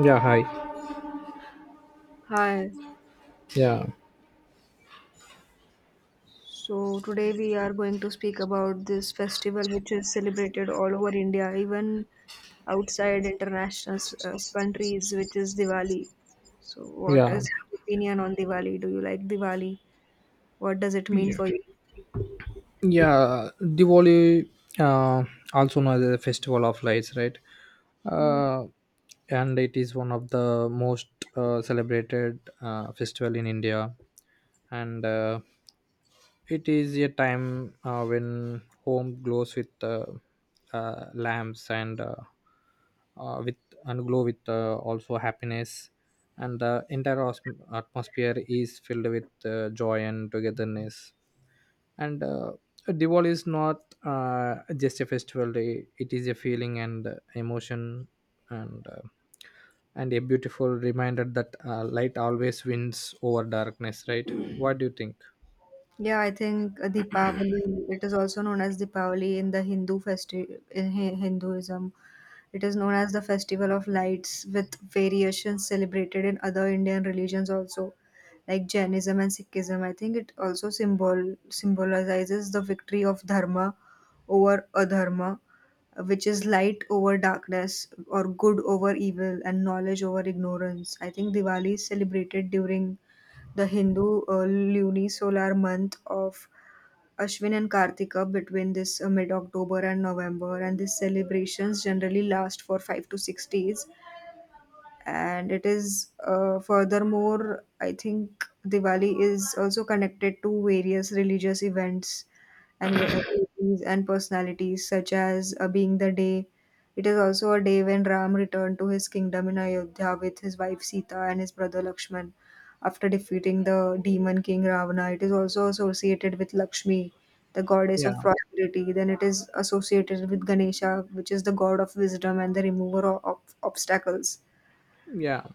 Yeah, hi. Hi. Yeah, So today we are going to speak about this festival which is celebrated all over India, even outside international countries, which is Diwali. So what yeah, is your opinion on Diwali? Do you like Diwali? What does it mean yeah. for Yeah. Diwali, uh, also known as the Festival of Lights, right? you? Uh, and it is one of the most celebrated festival in India, and it is a time when home glows with lamps and with and glow with also happiness, and the entire atmosphere is filled with joy and togetherness. And Diwali is not just a festival; day; it is a feeling and emotion and. Uh, and a beautiful reminder that light always wins over darkness, right? What do you think? Yeah, I think Deepavali, it is also known as Deepavali in the Hindu festival in Hinduism. It is known as the festival of lights with variations celebrated in other Indian religions also, like Jainism and Sikhism. I think it also symbolizes the victory of dharma over adharma, which is light over darkness or good over evil and knowledge over ignorance. I think Diwali is celebrated during the Hindu lunisolar month of Ashwin and Kartika between this mid October and November, and these celebrations generally last for 5 to 6 days. And it is furthermore I think Diwali is also connected to various religious events and personalities, such as being the day it is also a day when Ram returned to his kingdom in Ayodhya with his wife Sita and his brother Lakshman after defeating the demon king Ravana. It is also associated with Lakshmi, the goddess Yeah. of prosperity. Then it is associated with Ganesha, which is the god of wisdom and the remover of obstacles. Yeah.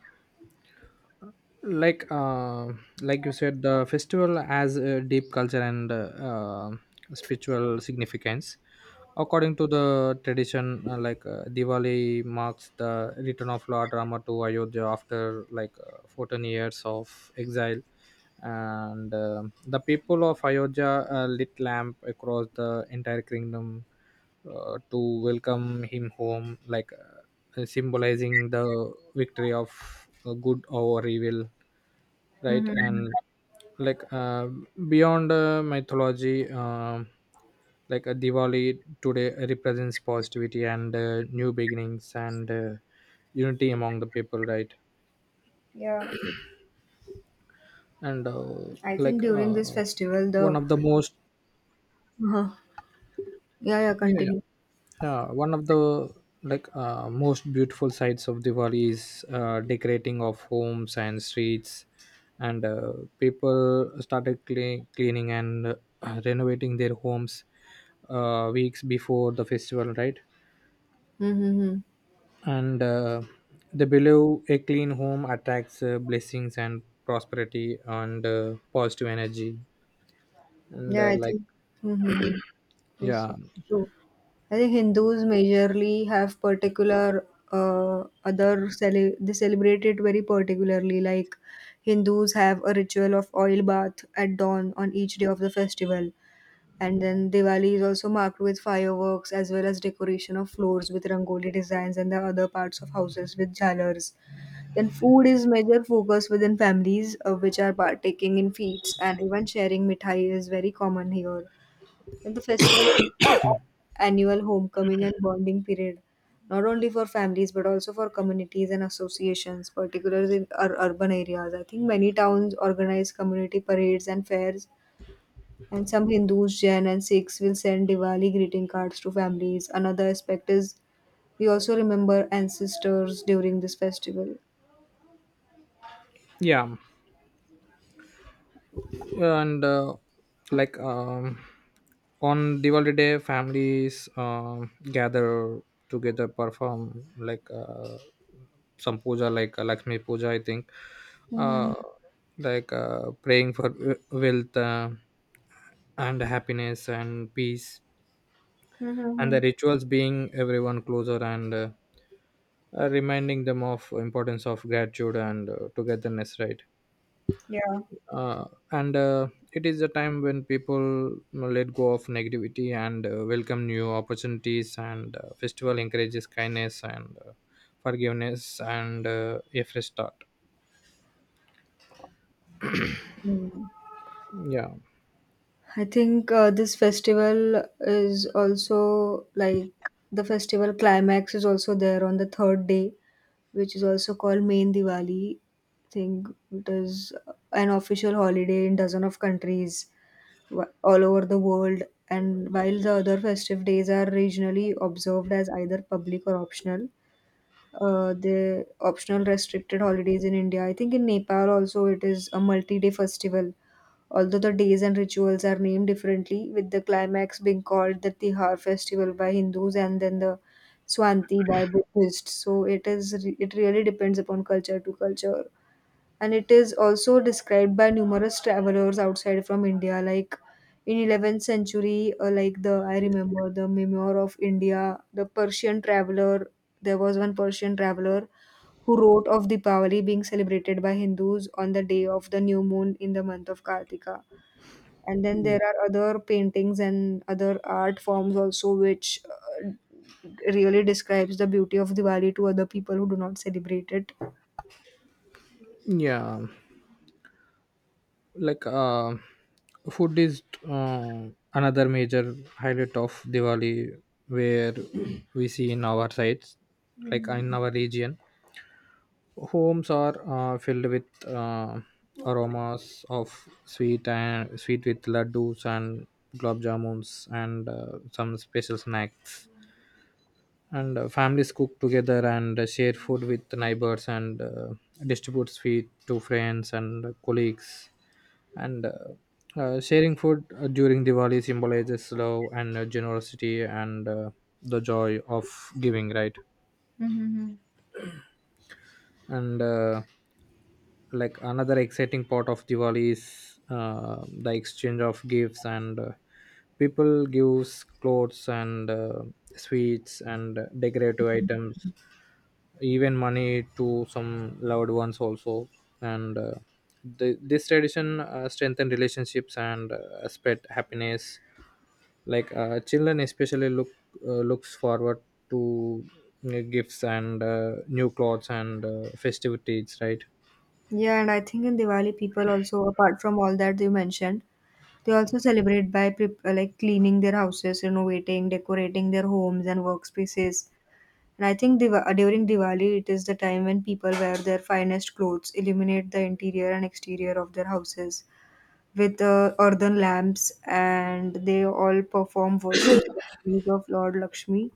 like uh, like you said, the festival has a deep culture and spiritual significance. According to the tradition, Diwali marks the return of Lord Rama to Ayodhya after 14 years of exile. And the people of Ayodhya lit lamp across the entire kingdom to welcome him home, symbolizing the victory of good over evil, right? Mm-hmm. And like uh, beyond mythology, like a Diwali today represents positivity and new beginnings and unity among the people, right? Yeah, and I think like during this festival, one the of the most uh yeah, yeah, Yeah, yeah. continue. Yeah, one of the most beautiful sides of Diwali is decorating of homes and streets, and people started cleaning and renovating their homes weeks before the festival, right? Mm-hmm. And they believe a clean home attracts blessings and prosperity and positive energy, and Yeah, I like think. Mm-hmm. It's yeah, true. I think Hindus majorly have particular other cele they celebrate it very particularly. Like, Hindus have a ritual of oil bath at dawn on each day of the festival, and then Diwali is also marked with fireworks as well as decoration of floors with rangoli designs and the other parts of houses with jhalars. Then food is major focus within families, which are partaking in feasts, and even sharing mithai is very common here. Then the festival is annual homecoming and bonding period, not only for families but also for communities and associations, particularly in urban areas. I think many towns organize community parades and fairs, and some Hindus, Jain, and Sikhs will send Diwali greeting cards to families. Another aspect is we also remember ancestors during this festival. yeah. and like on Diwali day, families gather together, perform like some puja, like Lakshmi puja, I think, uh, Mhm. like praying for wealth and happiness and peace, and the Mm-hmm. rituals being everyone closer and, reminding them of importance of gratitude and togetherness, right? Yeah. uh, and it is a time when people let go of negativity and welcome new opportunities, and festival encourages kindness and forgiveness and a fresh start. Mm. Yeah. I think this festival is also like, the festival climax is also there on the third day, which is also called Main Diwali. I think it is an official holiday in dozen of countries all over the world. And while the other festive days are regionally observed as either public or optional, the optional restricted holidays in India. I think in Nepal also it is a multi-day festival, although the days and rituals are named differently, with the climax being called the Tihar festival by Hindus and then the Swanti by Buddhists. So it is, it really depends upon culture to culture, and it is also described by numerous travelers outside from India, like in 11th century, the I remember the memoir of India, the Persian traveler. There was one Persian traveler who wrote of Deepavali being celebrated by Hindus on the day of the new moon in the month of Kartika. And then there are other paintings and other art forms also which really describes the beauty of Diwali to other people who do not celebrate it. Yeah. like uh, Food is uh, another major highlight of Diwali, where we see in our sites, like Hmm. in our region. Homes are filled with aromas of sweet and sweet with laddus and gulab jamuns and some special snacks. And families cook together and share food with the neighbors and distribute sweet to friends and colleagues. And sharing food during Diwali symbolizes love and generosity and the joy of giving, right? Hmm. And like another exciting part of Diwali is the exchange of gifts. And people gives clothes and sweets and decorative items, even money to some loved ones also. And this tradition strengthen relationships and spread happiness. Like children especially looks forward to gifts and new clothes and festivities, right? Yeah, and I think in Diwali people also, apart from all that you mentioned, they also celebrate by cleaning their houses, renovating, decorating their homes and workspaces. And I think, during Diwali, it is the time when people wear their finest clothes, illuminate the interior and exterior of their houses, with earthen lamps, and they all perform worship ceremonies of Lord Lakshmi.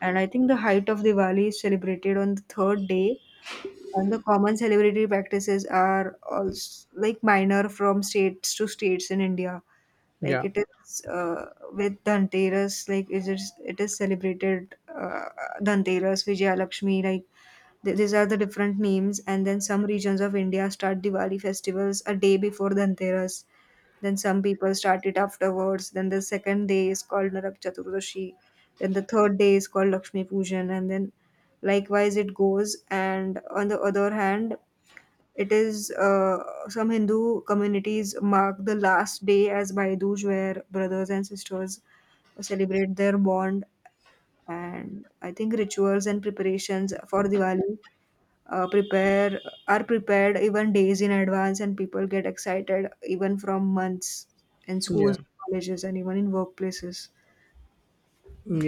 And I think the height of Diwali is celebrated on the third day, and the common celebratory practices are also like minor from states to states in India. Like Yeah, it is with Dhanteras, like it is celebrated Dhanteras, Vijaya Lakshmi, like these are the different names. And then some regions of India start Diwali festivals a day before Dhanteras. Then some people start it afterwards. Then the second day is called Narak Chaturdashi. Then the third day is called Lakshmi Pujan, and then likewise it goes. And on the other hand, it is some Hindu communities mark the last day as Baiduj, where brothers and sisters celebrate their bond. And I think rituals and preparations for Diwali prepare are prepared even days in advance, and people get excited even from months, in yeah, schools, colleges, and even in workplaces.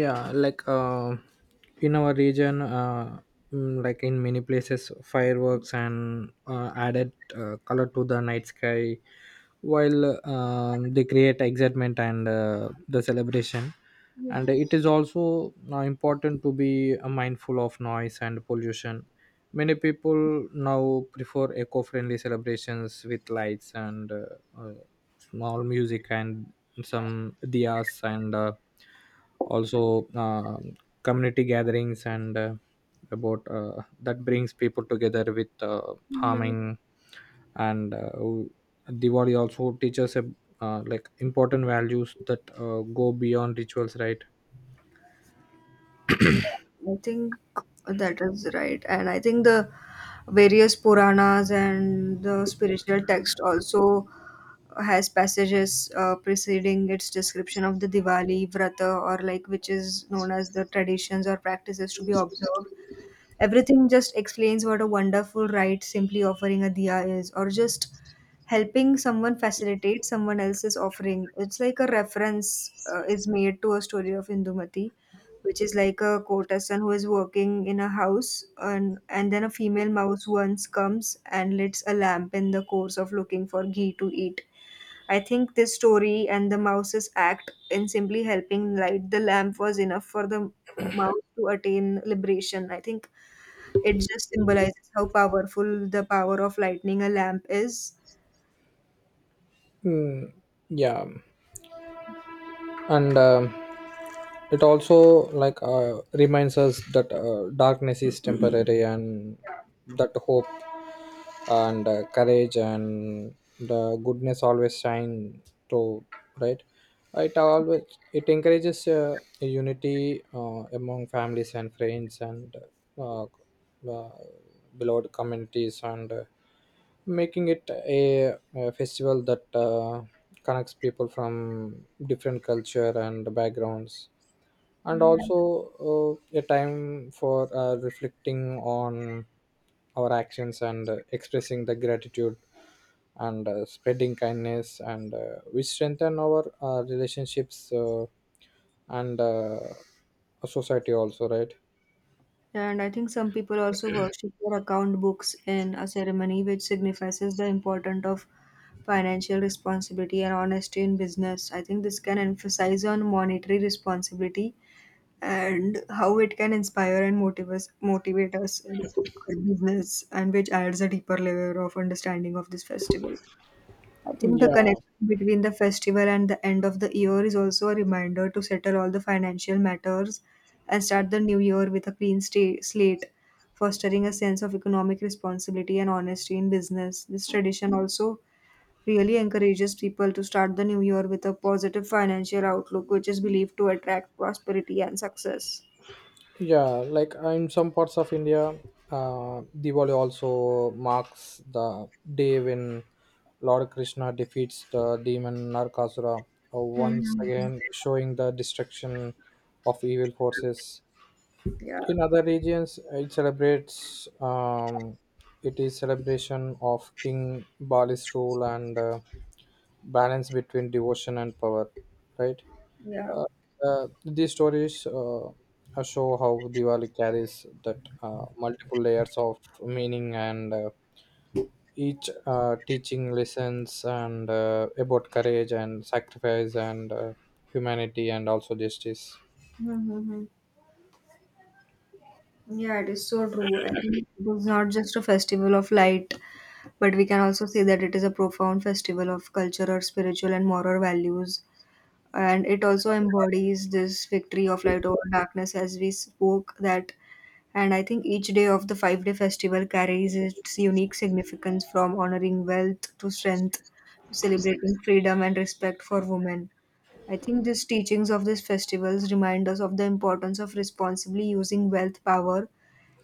yeah. In our region, like in many places, fireworks and added color to the night sky, while they create excitement and the celebration. And it is also now important to be mindful of noise and pollution. Many people now prefer eco-friendly celebrations with lights and uh, small music and some diyas and also community gatherings and about that brings people together with Yeah. harming. And Diwali also teaches like important values that go beyond rituals, right? Yeah, I think that is right. And I think the various Puranas and the spiritual text also has passages preceding its description of the Diwali, Vrata, or like, which is known as the traditions or practices to be observed. Everything just explains what a wonderful ride simply offering a diya is, or just helping someone facilitate someone else's offering. It's like a reference is made to a story of Indumati, which is like a courtesan who is working in a house, and then a female mouse once comes and lights a lamp in the course of looking for ghee to eat. I think this story and the mouse's act in simply helping light the lamp was enough for the mouse to attain liberation. I think it just symbolizes how powerful the power of lightning a lamp is. Mm, yeah. And it also like reminds us that darkness is temporary, and that hope and courage and the goodness always shine through, right? it always it encourages unity among families and friends and uh, uh, beloved communities, and making it a festival that connects people from different culture and backgrounds, and Hmm. also a time for reflecting on our actions, and expressing the gratitude, and spreading kindness, and we strengthen our relationships and society also, right? And I think some people also worship their account books in a ceremony, which signifies the importance of financial responsibility and honesty in business. I think this can emphasize on monetary responsibility and how it can inspire and motivate us in our business, and which adds a deeper layer of understanding of this festival. I think the Yeah, connection between the festival and the end of the year is also a reminder to settle all the financial matters and start the new year with a clean slate, fostering a sense of economic responsibility and honesty in business. This tradition also really encourages people to start the new year with a positive financial outlook, which is believed to attract prosperity and success. yeah. In some parts of India, Diwali also marks the day when Lord Krishna defeats the demon Narkasura, once Mhm. again showing the destruction of evil forces. Yeah, In other regions, it is celebration of King Bali's rule and balance between devotion and power, right? yeah. These stories show how Diwali carries that multiple layers of meaning, and each teaching lessons, and about courage and sacrifice and humanity and also justice. Mm-hmm. Yeah, it is so true. I think it was not just a festival of light, but we can also say that it is a profound festival of cultural, spiritual, and moral values. And it also embodies this victory of light over darkness, as we spoke that. And I think each day of the 5 day festival carries its unique significance, from honoring wealth to strength, to celebrating freedom and respect for women. I think these teachings of these festivals remind us of the importance of responsibly using wealth power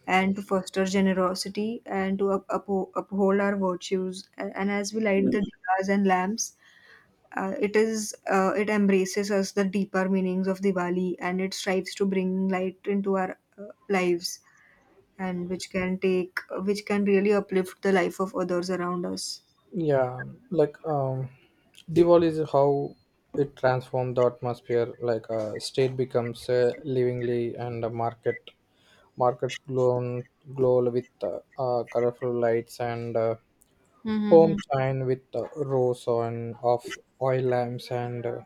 and to foster generosity and to uphold our virtues. And as we light the diyas and lamps, it embraces us the deeper meanings of Diwali, and it strives to bring light into our lives, and which can really uplift the life of others around us. Yeah, Diwali is how it transformed the atmosphere. Like a state becomes livingly, and the markets glow with colorful lights, and Mm-hmm. homes shine with rows on of oil lamps, and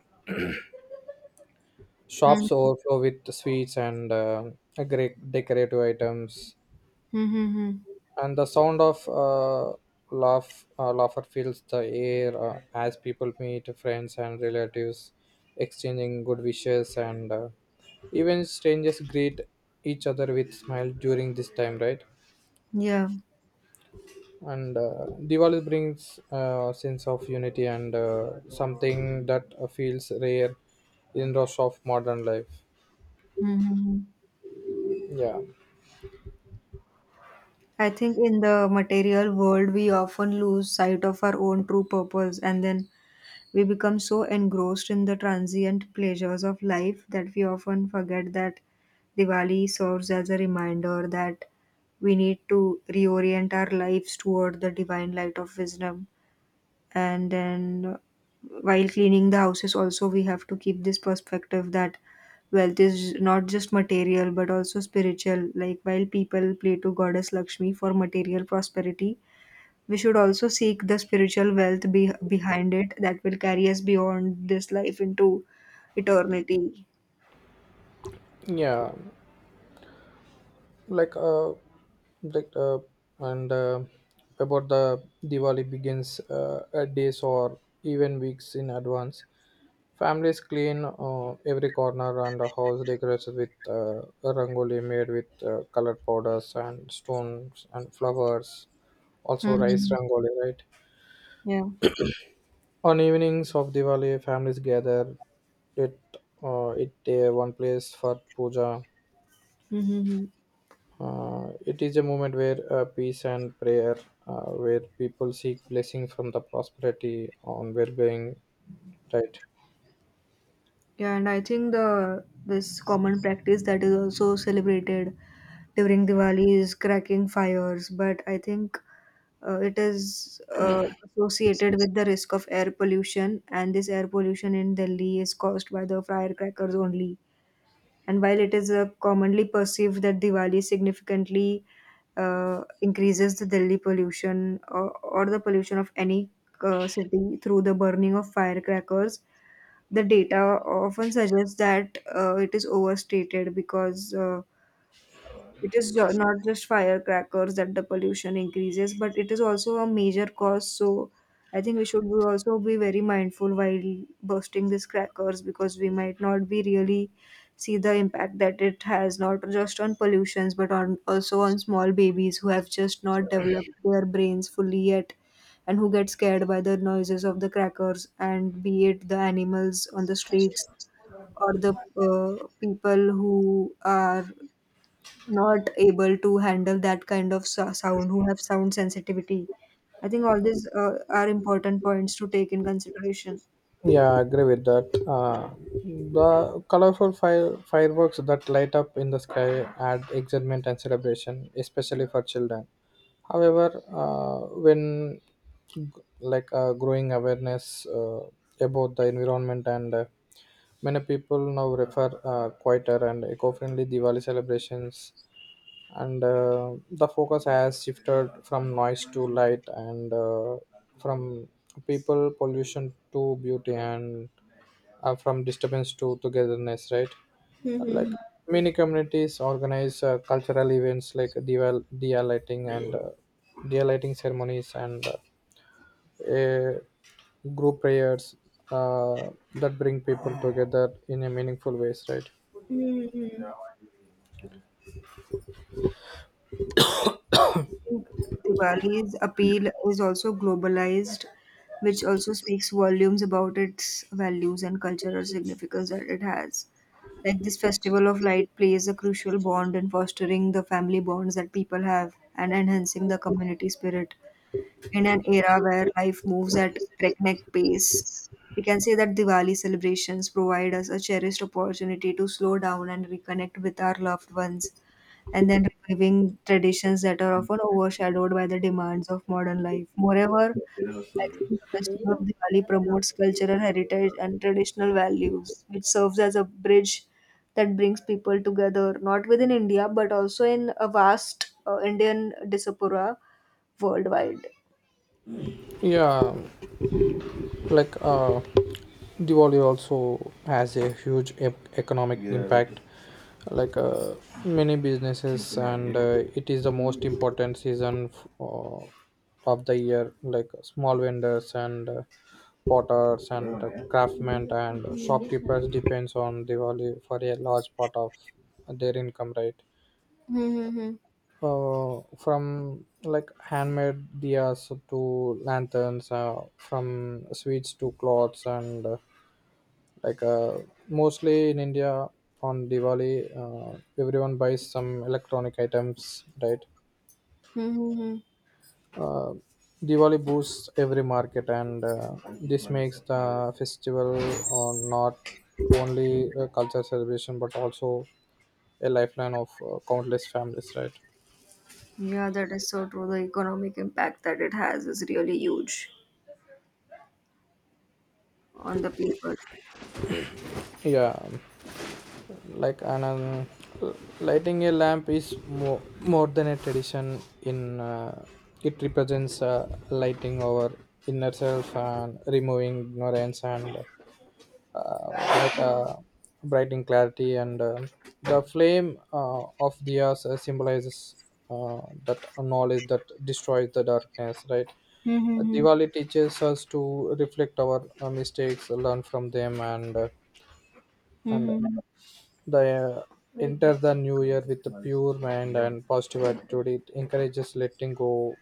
shops Mm-hmm. overflow with sweets and great decorative items. And the sound of laughter fills the air as people meet friends and relatives, exchanging good wishes, and even strangers greet each other with smile during this time, right? Yeah. And Diwali brings a sense of unity and something that feels rare in rush of modern life. Mm-hmm. Yeah. I think in the material world, we often lose sight of our own true purpose, and then we become so engrossed in the transient pleasures of life that we often forget that Diwali serves as a reminder that we need to reorient our lives toward the divine light of wisdom. And then, while cleaning the houses, also we have to keep this perspective that wealth is not just material but also spiritual. Like, while people pray to Goddess Lakshmi for material prosperity, we should also seek the spiritual wealth behind it that will carry us beyond this life into eternity. Yeah. like uh, Like and About the Diwali begins days or even weeks in advance. Families clean every corner, and the house decorates with rangoli made with colored powders and stones and flowers. Also, rice Mhm. rangoli, right? Yeah. On evenings of Diwali, families gather it it one place for puja. Hmm. It is a moment where peace and prayer, where people seek blessing from the prosperity on well-being. Right. Yeah, and I think the this common practice that is also celebrated during Diwali is cracking fires, but I think it is uh, associated with the risk of air pollution, and this air pollution in Delhi is caused by the firecrackers only. And while it is commonly perceived that Diwali significantly increases the Delhi pollution or the pollution of any city through the burning of firecrackers, the data often suggests that it is overstated, because it is not just firecrackers that the pollution increases, but it is also a major cause. So I think we should be also be very mindful while bursting these crackers, because we might not be really see the impact that it has not just on pollutions but on also on small babies who have just not developed their brains fully yet, and who get scared by the noises of the crackers, and be it the animals on the streets or the people who are not able to handle that kind of sound, who have sound sensitivity. I think all these are important points to take in consideration. Yeah, I agree with that. The colorful fireworks that light up in the sky add excitement and celebration, especially for children. However, when g- like growing awareness about the environment, and many people now refer quieter and eco-friendly Diwali celebrations. And the focus has shifted from noise to light, and from people pollution to beauty, and from disturbance to togetherness, right? Like many communities organize cultural events like dia lighting ceremonies and a group prayers uh, that bring people together in a meaningful ways, right? Mm-hmm. I think Diwali's appeal is also globalized, which also speaks volumes about its values and cultural significance that it has. Like, this festival of light plays a crucial bond in fostering the family bonds that people have and enhancing the community spirit. In an era where life moves at breakneck pace, we can say that Diwali celebrations provide us a cherished opportunity to slow down and reconnect with our loved ones, and then reviving traditions that are often overshadowed by the demands of modern life. Moreover, I think the festival of Diwali promotes cultural heritage and traditional values, which serves as a bridge that brings people together, not within India, but also in a vast Indian diaspora worldwide. Yeah. like uh, Diwali also has a huge economic, yeah, impact, like uh, many businesses, and it is the most important season of the year. Like small vendors and potters and craftsmen and shopkeepers depends on Diwali for a large part of their income, right? Mm-hmm. From like handmade diyas to lanterns, from sweets to clothes, and like uh, mostly in India, on Diwali, uh, everyone buys some electronic items, right? Mhm. uh, Diwali boosts every market, and this makes the festival not only a culture celebration but also a lifeline of countless families, right? Yeah, that is so true. The economic impact that it has is really huge on the people. Yeah. like an Lighting a lamp is more than a tradition in, it represents lighting our inner self and removing ignorance and uh, like, uh, brightening clarity, and the flame of the earth symbolizes that knowledge that destroys the darkness, right? Mm-hmm. Diwali teaches us to reflect our mistakes, learn from them, and the enter the new year with a pure mind and positive attitude. It encourages letting go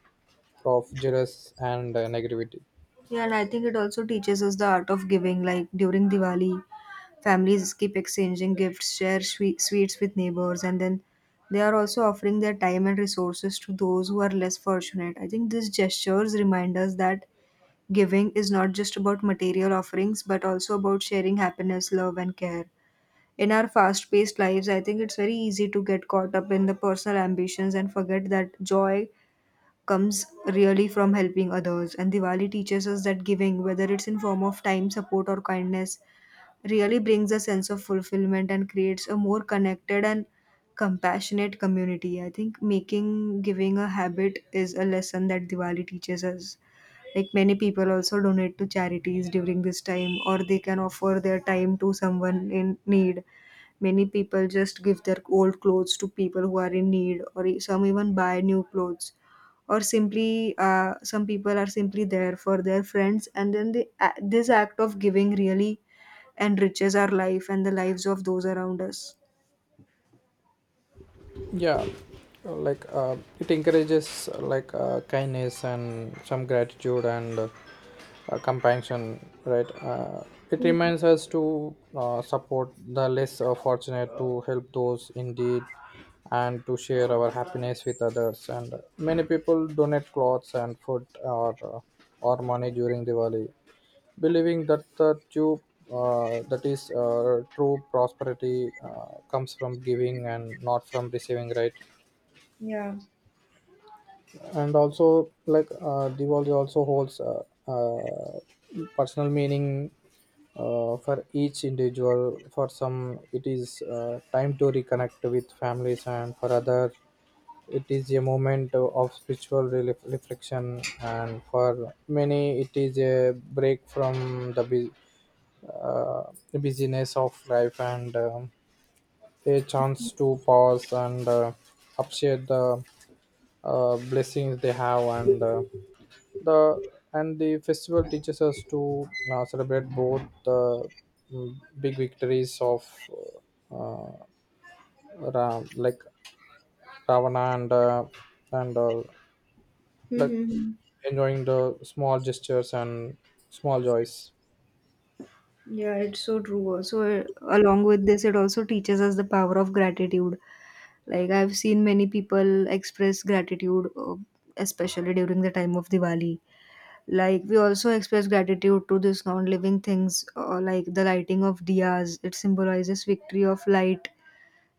of jealous and negativity. Yeah, and I think it also teaches us the art of giving. Like during Diwali, families keep exchanging gifts, share sweets with neighbors, and then they are also offering their time and resources to those who are less fortunate. I think these gestures remind us that giving is not just about material offerings, but also about sharing happiness, love, and care. In our fast paced lives, I think it's very easy to get caught up in the personal ambitions and forget that joy comes really from helping others. And Diwali teaches us that giving, whether it's in form of time, support or kindness, really brings a sense of fulfillment and creates a more connected and compassionate community. I think making giving a habit is a lesson that Diwali teaches us. Like, many people also donate to charities during this time, or they can offer their time to someone in need. Many people just give their old clothes to people who are in need, or some even buy new clothes or simply some people are simply there for their friends and then this act of giving really enriches our life and the lives of those around us. Yeah. It encourages kindness and some gratitude and compassion, right? It reminds us to support the less fortunate, to help those in need, and to share our happiness with others. And many people donate clothes and food or money during Diwali, believing that the true that is true prosperity comes from giving and not from receiving, right? Yeah. And also Diwali also holds personal meaning for each individual. For some, it is time to reconnect with families, and for other, it is a moment of spiritual reflection. And for many, it is a break from the busyness of life, and a chance to pause and appreciate the blessings they have, and the festival teaches us to celebrate both the big victories of uh, Ram, like Ravana, and like Mm-hmm. enjoying the small gestures and small joys. Yeah, it's so true also. So, along with this, it also teaches us the power of gratitude. Like, I've seen many people express gratitude, especially during the time of Diwali. Like, we also express gratitude to these non living things, like the lighting of diyas, it symbolizes victory of light.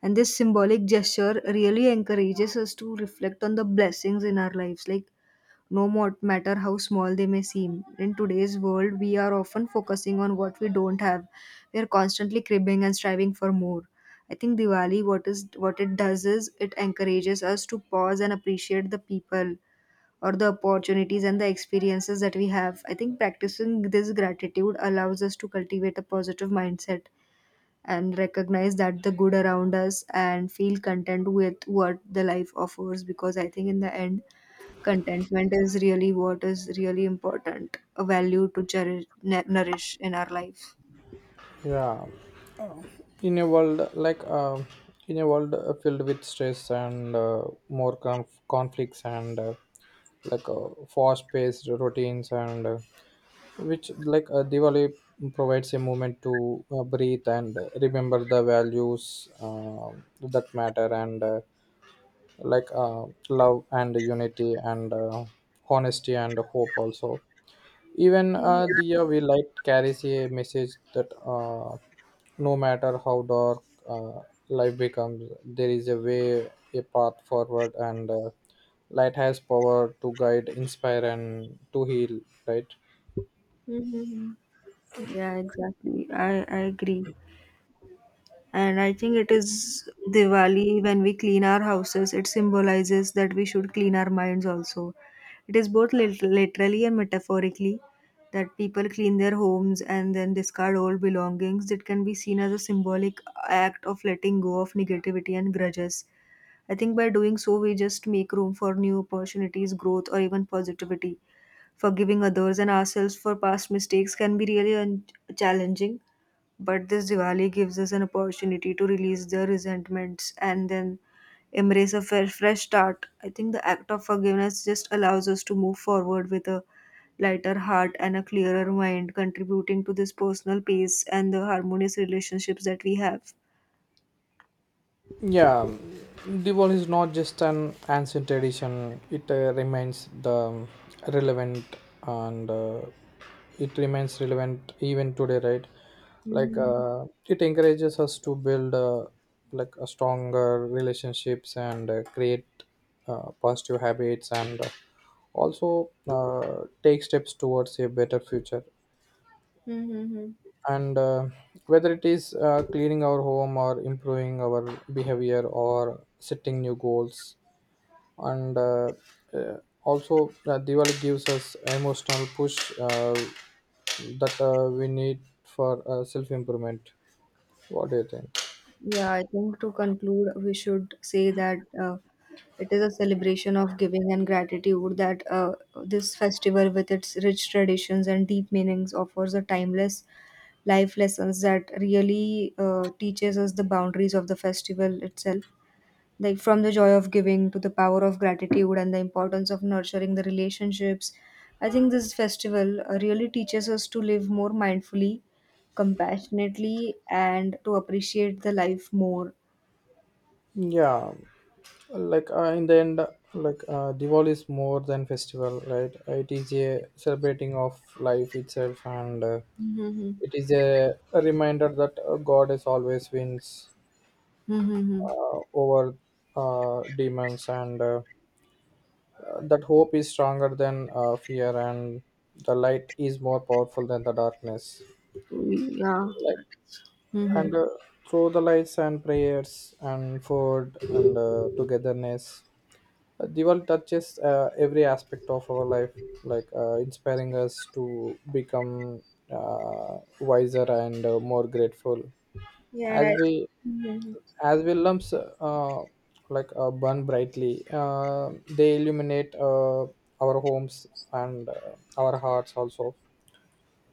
And this symbolic gesture really encourages us to reflect on the blessings in our lives. Like, no more, matter how small they may seem. In today's world, we are often focusing on what we don't have. We are constantly cribbing and striving for more. I think Diwali, what it does is it encourages us to pause and appreciate the people or the opportunities and the experiences that we have. I think practicing this gratitude allows us to cultivate a positive mindset and recognize that the good around us and feel content with what the life offers, because I think in the end contentment is really what is really important, a value to cherish, nourish in our life. Yeah. in a world like uh, in a world filled with stress and more conflicts and fast-paced routines, and which like Diwali provides a moment to breathe and remember the values that matter, and love and unity and honesty and hope also. Even Hmm. The we light carries a message that no matter how dark uh, life becomes, there is a way, a path forward. And light has power to guide, inspire, and to heal, right? Hmm. Yeah, exactly. I agree. And I think it is Diwali when we clean our houses, it symbolizes that we should clean our minds also. It is both literally and metaphorically that people clean their homes and then discard old belongings. It can be seen as a symbolic act of letting go of negativity and grudges. I think by doing so, we just make room for new opportunities, growth, or even positivity. Forgiving others and ourselves for past mistakes can be really challenging, but this Diwali gives us an opportunity to release the resentments and then embrace a fresh start. I think the act of forgiveness just allows us to move forward with a lighter heart and a clearer mind, contributing to this personal peace and the harmonious relationships that we have. Yeah, Diwali is not just an ancient tradition, it relevant and uh, remains relevant even today, right? Like, it encourages us to build like a stronger relationships and create positive habits, and also take steps towards a better future. Mm-hmm. And whether it is cleaning our home or improving our behavior or setting new goals, and uh, also Diwali gives us emotional push that we need for self improvement. What do you think? Yeah, I think to conclude, we should say that it is a celebration of giving and gratitude, that this festival, with its rich traditions and deep meanings, offers a timeless life lessons that really teaches us the boundaries of the festival itself, like from the joy of giving to the power of gratitude and the importance of nurturing the relationships. I think this festival really teaches us to live more mindfully, compassionately, and to appreciate the life more. Yeah. In the end, Diwali is more than festival, right? It is a celebrating of life itself, and Mm-hmm. it is a reminder that god is always wins Mm-hmm. Over demons, and that hope is stronger than fear, and the light is more powerful than the darkness. Yeah. Like Mm-hmm. and Through the lights and prayers and food and togetherness, Diwali touches every aspect of our life, inspiring us to become wiser and more grateful. Yeah, and as I, we Mhm. as well lumps burn brightly, they illuminate our homes and our hearts also,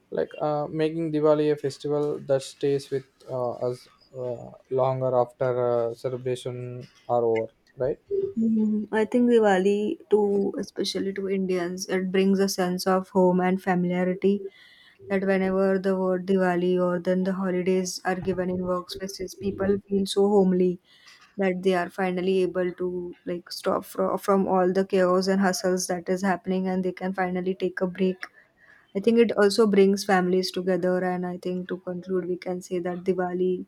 making Diwali a festival that stays with us longer after celebration are over, right? Mhm. I think Diwali, too, especially to Indians, it brings a sense of home and familiarity that whenever the word Diwali or then the holidays are given in workspaces, people feel so homely that they are finally able to like stop from all the chaos and hustles that is happening, and they can finally take a break. I think it also brings families together, and I think to conclude we can say that Diwali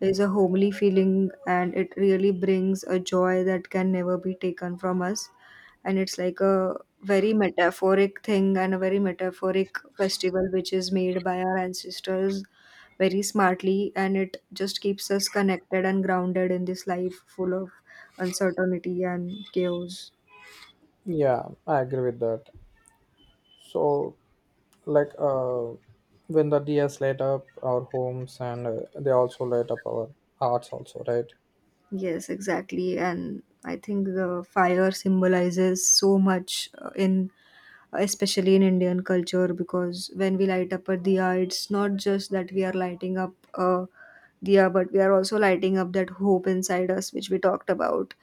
is a homely feeling and it really brings a joy that can never be taken from us. And it's like a very metaphoric thing and a very metaphoric festival which is made by our ancestors very smartly, and it just keeps us connected and grounded in this life full of uncertainty and chaos. Yeah, I agree with that. So, like uh, when the diyas light up our homes, and they also light up our hearts also, right? Yes, exactly. And I think the fire symbolizes so much in, especially in Indian culture, because when we light up a diya, it's not just that we are lighting up a diya, but we are also lighting up that hope inside us, which we talked about.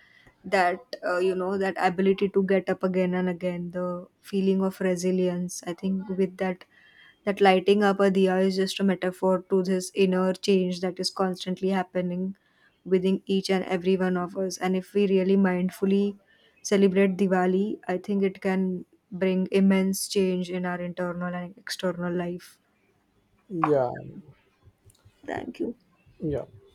That, you know, that ability to get up again and again, the feeling of resilience. I think with that, that lighting up a diya is just a metaphor to this inner change that is constantly happening within each and every one of us. And if we really mindfully celebrate Diwali, I think it can bring immense change in our internal and external life. Yeah, Thank you. yeah.